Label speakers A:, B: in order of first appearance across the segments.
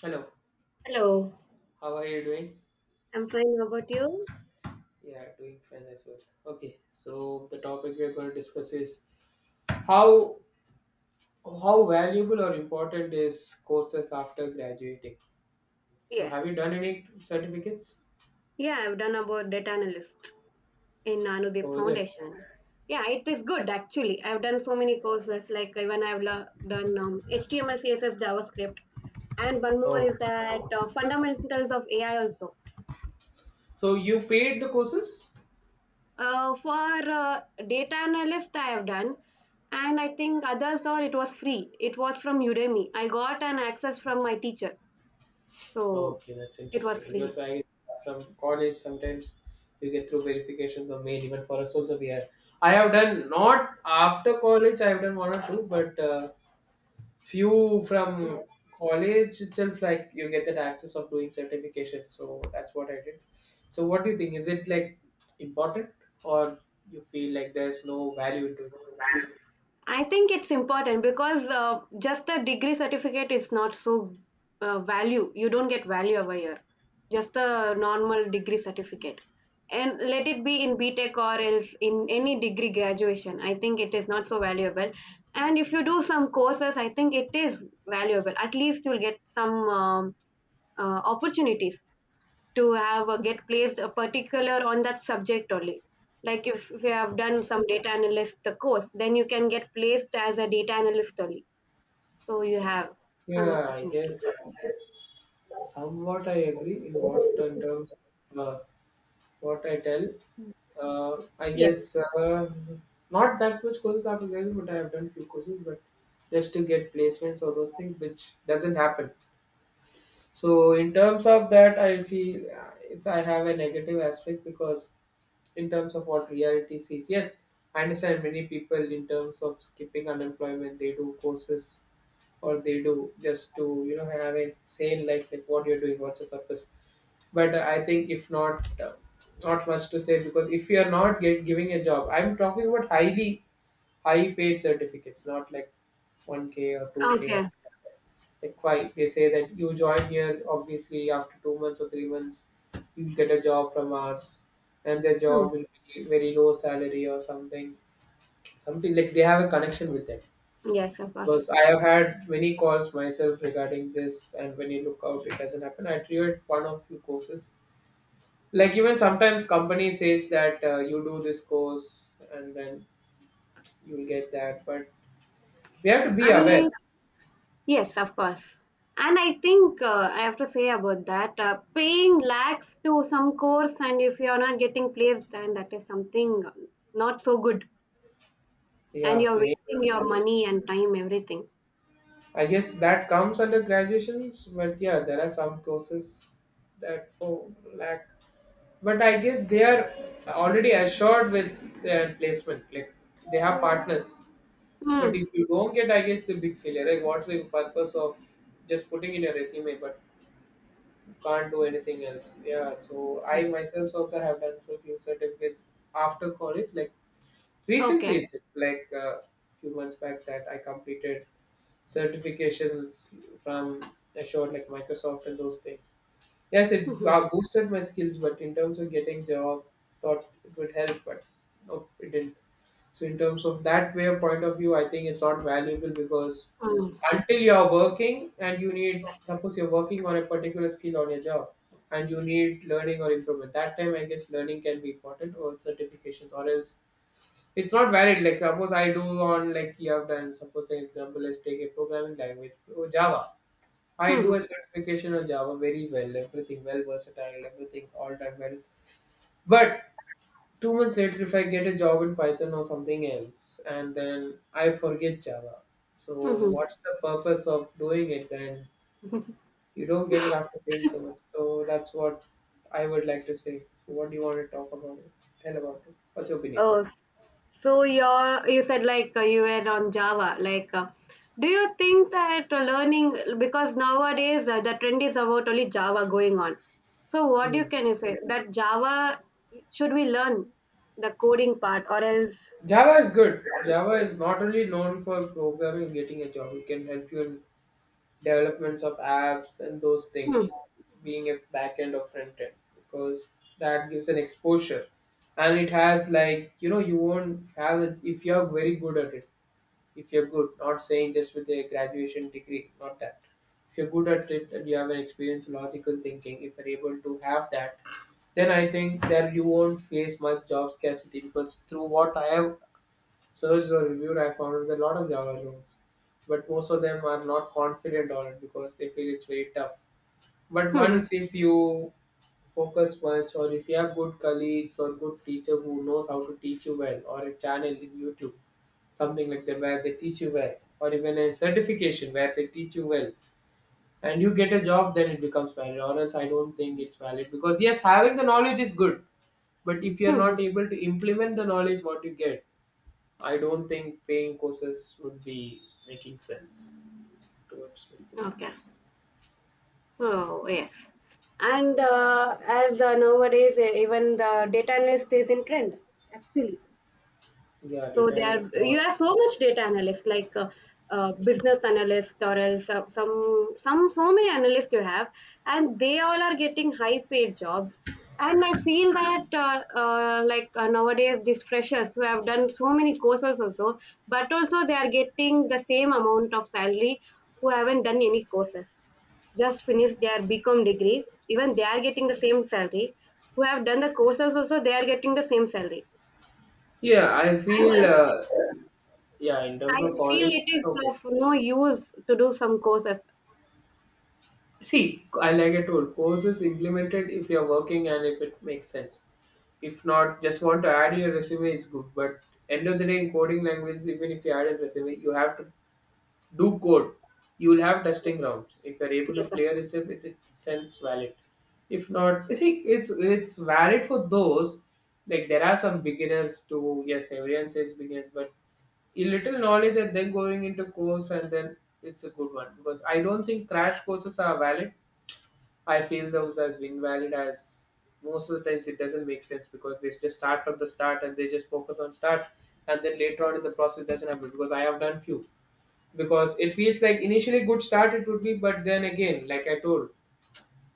A: Hello,
B: Hello.
A: how are you doing?
B: I'm fine. How about you?
A: Yeah, doing fine as well. Okay, so the topic we're going to discuss is how how valuable or important is courses after graduating. So
B: Yes.
A: have you done any certificates?
B: Yeah, I've done about data analyst in
A: Or
B: Anudeep
A: was it?
B: Foundation. Yeah, it is good actually. I've done so many courses, like even done HTML, CSS, JavaScript, and one more
A: Oh,
B: is that fundamentals of AI also.
A: so you paid the courses?
B: For uh, data analyst, I have done, and I think others all it was free. It was from Udemy. I got an access from my teacher, so
A: Okay, that's
B: it was
A: interesting,
B: free.
A: because I from college sometimes you get through verifications or mail. Even for us also we are, I have done, not after college I have done one or two, but few from college itself, like you get that access of doing certification, so that's what I did. So what do you think, is it like important or you feel like there's no value into it?
B: I think it's important because just a degree certificate is not so value. You don't get value over here. Just a normal degree certificate. And let it be in BTEC or else in any degree graduation. I think it is not so valuable. And if you do some courses, I think it is valuable. At least you'll get some opportunities to have a get placed a particular on that subject only, like if you have done some data analyst the course, then you can get placed as a data analyst only, so you have some
A: Yeah, I
B: opportunities.
A: guess. Somewhat I agree. In what in terms of what I tell, I
B: Yes.
A: guess, not that much courses I've done, but I've done few courses, but just to get placements or those things, which doesn't happen. So in terms of that, I feel it's, I have a negative aspect, because in terms of what reality sees, yes, I understand many people in terms of skipping unemployment, they do courses, or they do just to, you know, have a sane life, like what you're doing, what's the purpose. But I think if not, not much to say, because if you are not giving a job, I'm talking about highly high paid certificates, not like one k or two k,
B: Okay.
A: like quite they say that you join here obviously after 2 months or 3 months you'll get a job from us, and their
B: Hmm.
A: job will be very low salary or something, something like they have a connection with that.
B: Yes, of course.
A: Because I have had many calls myself regarding this, and when you look out it doesn't happen. I tried one of few courses, like even sometimes company says that you do this course and then you'll get that, but we have to be aware.
B: I, yes, of course. And I think I have to say about that, paying lakhs to some course, and if you are not getting placed, then that is something not so good,
A: Yeah,
B: and you're
A: playing,
B: wasting your money and time, everything.
A: I guess that comes under graduations, but yeah, there are some courses that for lack. But I guess they are already assured with their placement. Like they have partners. But
B: Hmm.
A: if you don't get, I guess the big failure. Like what's the purpose of just putting in a resume but can't do anything else? Yeah. So I myself also have done so few certificates after college. Like recently,
B: Okay.
A: it's like a few months back that I completed certifications from assured like Microsoft and those things. Yes, it
B: Mhm.
A: boosted my skills, but in terms of getting job, thought it would help, but no, it didn't. So in terms of that way of point of view, I think it's not valuable, because
B: Mhm.
A: until you're working and you need, suppose you're working on a particular skill on your job, and you need learning or improvement, that time I guess learning can be important or certifications, or else it's not valid. Like suppose I do on, like you have done. Suppose an example, let's take a programming language, oh, Java. I do a certification on Java very well, everything well versatile, everything all done well. But 2 months later, if I get a job in Python or something else, and then I forget Java. So
B: Mhm.
A: what's the purpose of doing it then?
B: Mhm.
A: You don't get it after paying so much. So that's what I would like to say. What do you want to talk about it? Tell about it. What's your opinion?
B: Oh, so you said like you were on Java. Like, do you think that learning, because nowadays the trend is about only Java going on. So, what you say that Java, should we learn the coding part or else?
A: Java is good. Java is not only known for programming and getting a job, it can help you in developments of apps and those
B: Mhm.
A: things, being a back end or front end, because that gives an exposure. And it has like, you know, you won't have it if you're very good at it. If you're good, not saying just with a graduation degree, not that. If you're good at it and you have an experience in logical thinking, if you're able to have that, then I think that you won't face much job scarcity, because through what I have searched or reviewed, I found that a lot of Java roles, but most of them are not confident on it because they feel it's very tough. But
B: Mhm.
A: once if you focus much, or if you have good colleagues or good teacher who knows how to teach you well, or a channel in YouTube, something like that where they teach you well, or even a certification where they teach you well, and you get a job, then it becomes valid. Or else, I don't think it's valid, because yes, having the knowledge is good, but if you are not
B: Mhm.
A: able to implement the knowledge what you get, I don't think paying courses would be making sense towards me.
B: Okay. So, yes. And as nowadays, even the data analyst is in trend, actually.
A: Yeah,
B: So they
A: detail
B: are,
A: is
B: you
A: not.
B: have so much data analysts, like business analyst or else some so many analysts you have, and they all are getting high paid jobs. And I feel that nowadays these freshers who have done so many courses also, but also they are getting the same amount of salary who haven't done any courses, just finished their bcom degree. Even they are getting the same salary, who have done the courses also they are getting the same salary.
A: Yeah, I feel. Yeah, in
B: I
A: terms of
B: feel
A: college,
B: it is
A: okay.
B: of no use to do some courses.
A: See, I, like I told, courses implemented if you're working and if it makes sense. If not, just want to add your resume is good. But end of the day, in coding language, even if you add a resume, you have to do code. You will have testing rounds. If you're able to
B: Yes, of
A: clear
B: course.
A: itself, it sends valid. If not, you see, it's valid for those. Like there are some beginners too. Yes, everyone says beginners, but a little knowledge and then going into course and then, it's a good one, because I don't think crash courses are valid. I feel those as invalid, as most of the times it doesn't make sense, because they just start from the start and they just focus on start, and then later on in the process doesn't happen, because I have done few, because it feels like initially good start it would be, but then again like I told,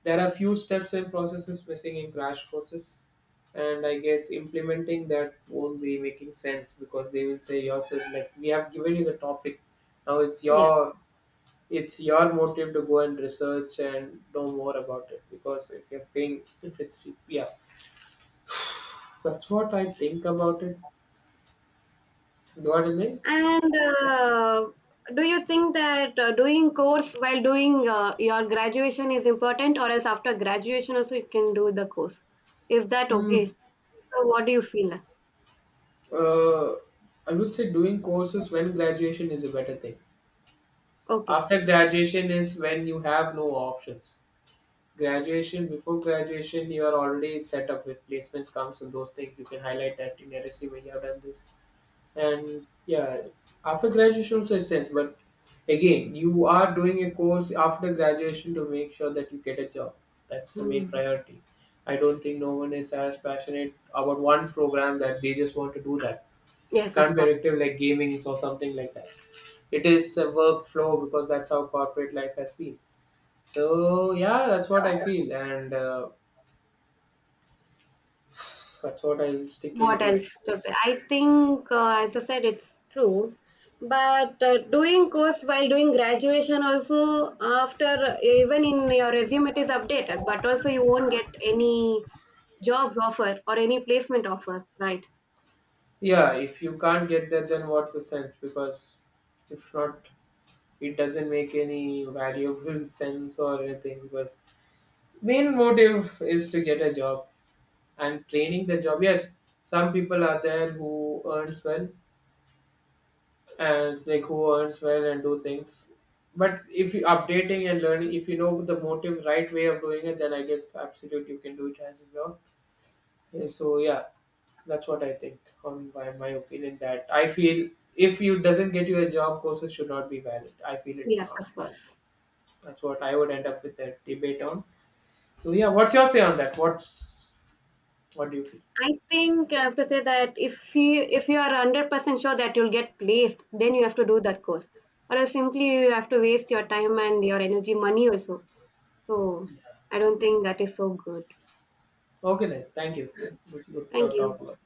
A: there are few steps and processes missing in crash courses, and I guess implementing that won't be making sense, because they will say yourself like we have given you the topic, now
B: Yes.
A: it's your motive to go and research and know more about it, because if you're paying, if it's, yeah, that's what I think about it. You know what I mean?
B: And do you think that doing course while doing your graduation is important, or else after graduation also you can do the course? Is that
A: Hmm.
B: okay? So what do you feel?
A: Uh, I would say doing courses when graduation is a better thing.
B: Okay.
A: After graduation is when you have no options. Graduation, before graduation, you are already set up with placements comes and those things. You can highlight that in your resume, you have done this. And yeah, after graduation also it sense, but again, you are doing a course after graduation to make sure that you get a job. That's the main
B: Hmm.
A: priority. I don't think no one is as passionate about one program that they just want to do that.
B: Yes,
A: Can't
B: of
A: be
B: course.
A: addictive like gaming or something like that, it is a workflow, because that's how corporate life has been. So yeah, that's what I feel, and that's what I'll stick
B: What
A: into it.
B: else to say? I think, as you said, it's true. But doing course while doing graduation also, after even in your resume it is updated, but also you won't get any jobs offer or any placement offers, right?
A: Yeah, if you can't get there, then what's the sense? Because if not, it doesn't make any valuable sense or anything. Because main motive is to get a job and training the job. Yes, some people are there who earns well, and it's like who earns well and do things. But if you updating and learning, if you know the motive, right way of doing it, then I guess absolutely you can do it as well. Yeah, so yeah, that's what I think on my, my opinion. That I feel if you doesn't get you a job, courses should not be valid. I feel it
B: Yes,
A: not
B: of
A: valid.
B: course.
A: That's what I would end up with that debate on. So yeah, what's your say on that? What's, what do you feel?
B: I think I have to say that, if you are 100% sure that you'll get placed, then you have to do that course, or else simply you have to waste your time and your energy, money also. So I don't think that is so good.
A: Okay then, thank you. This is good
B: Thank
A: to talk
B: you.
A: about.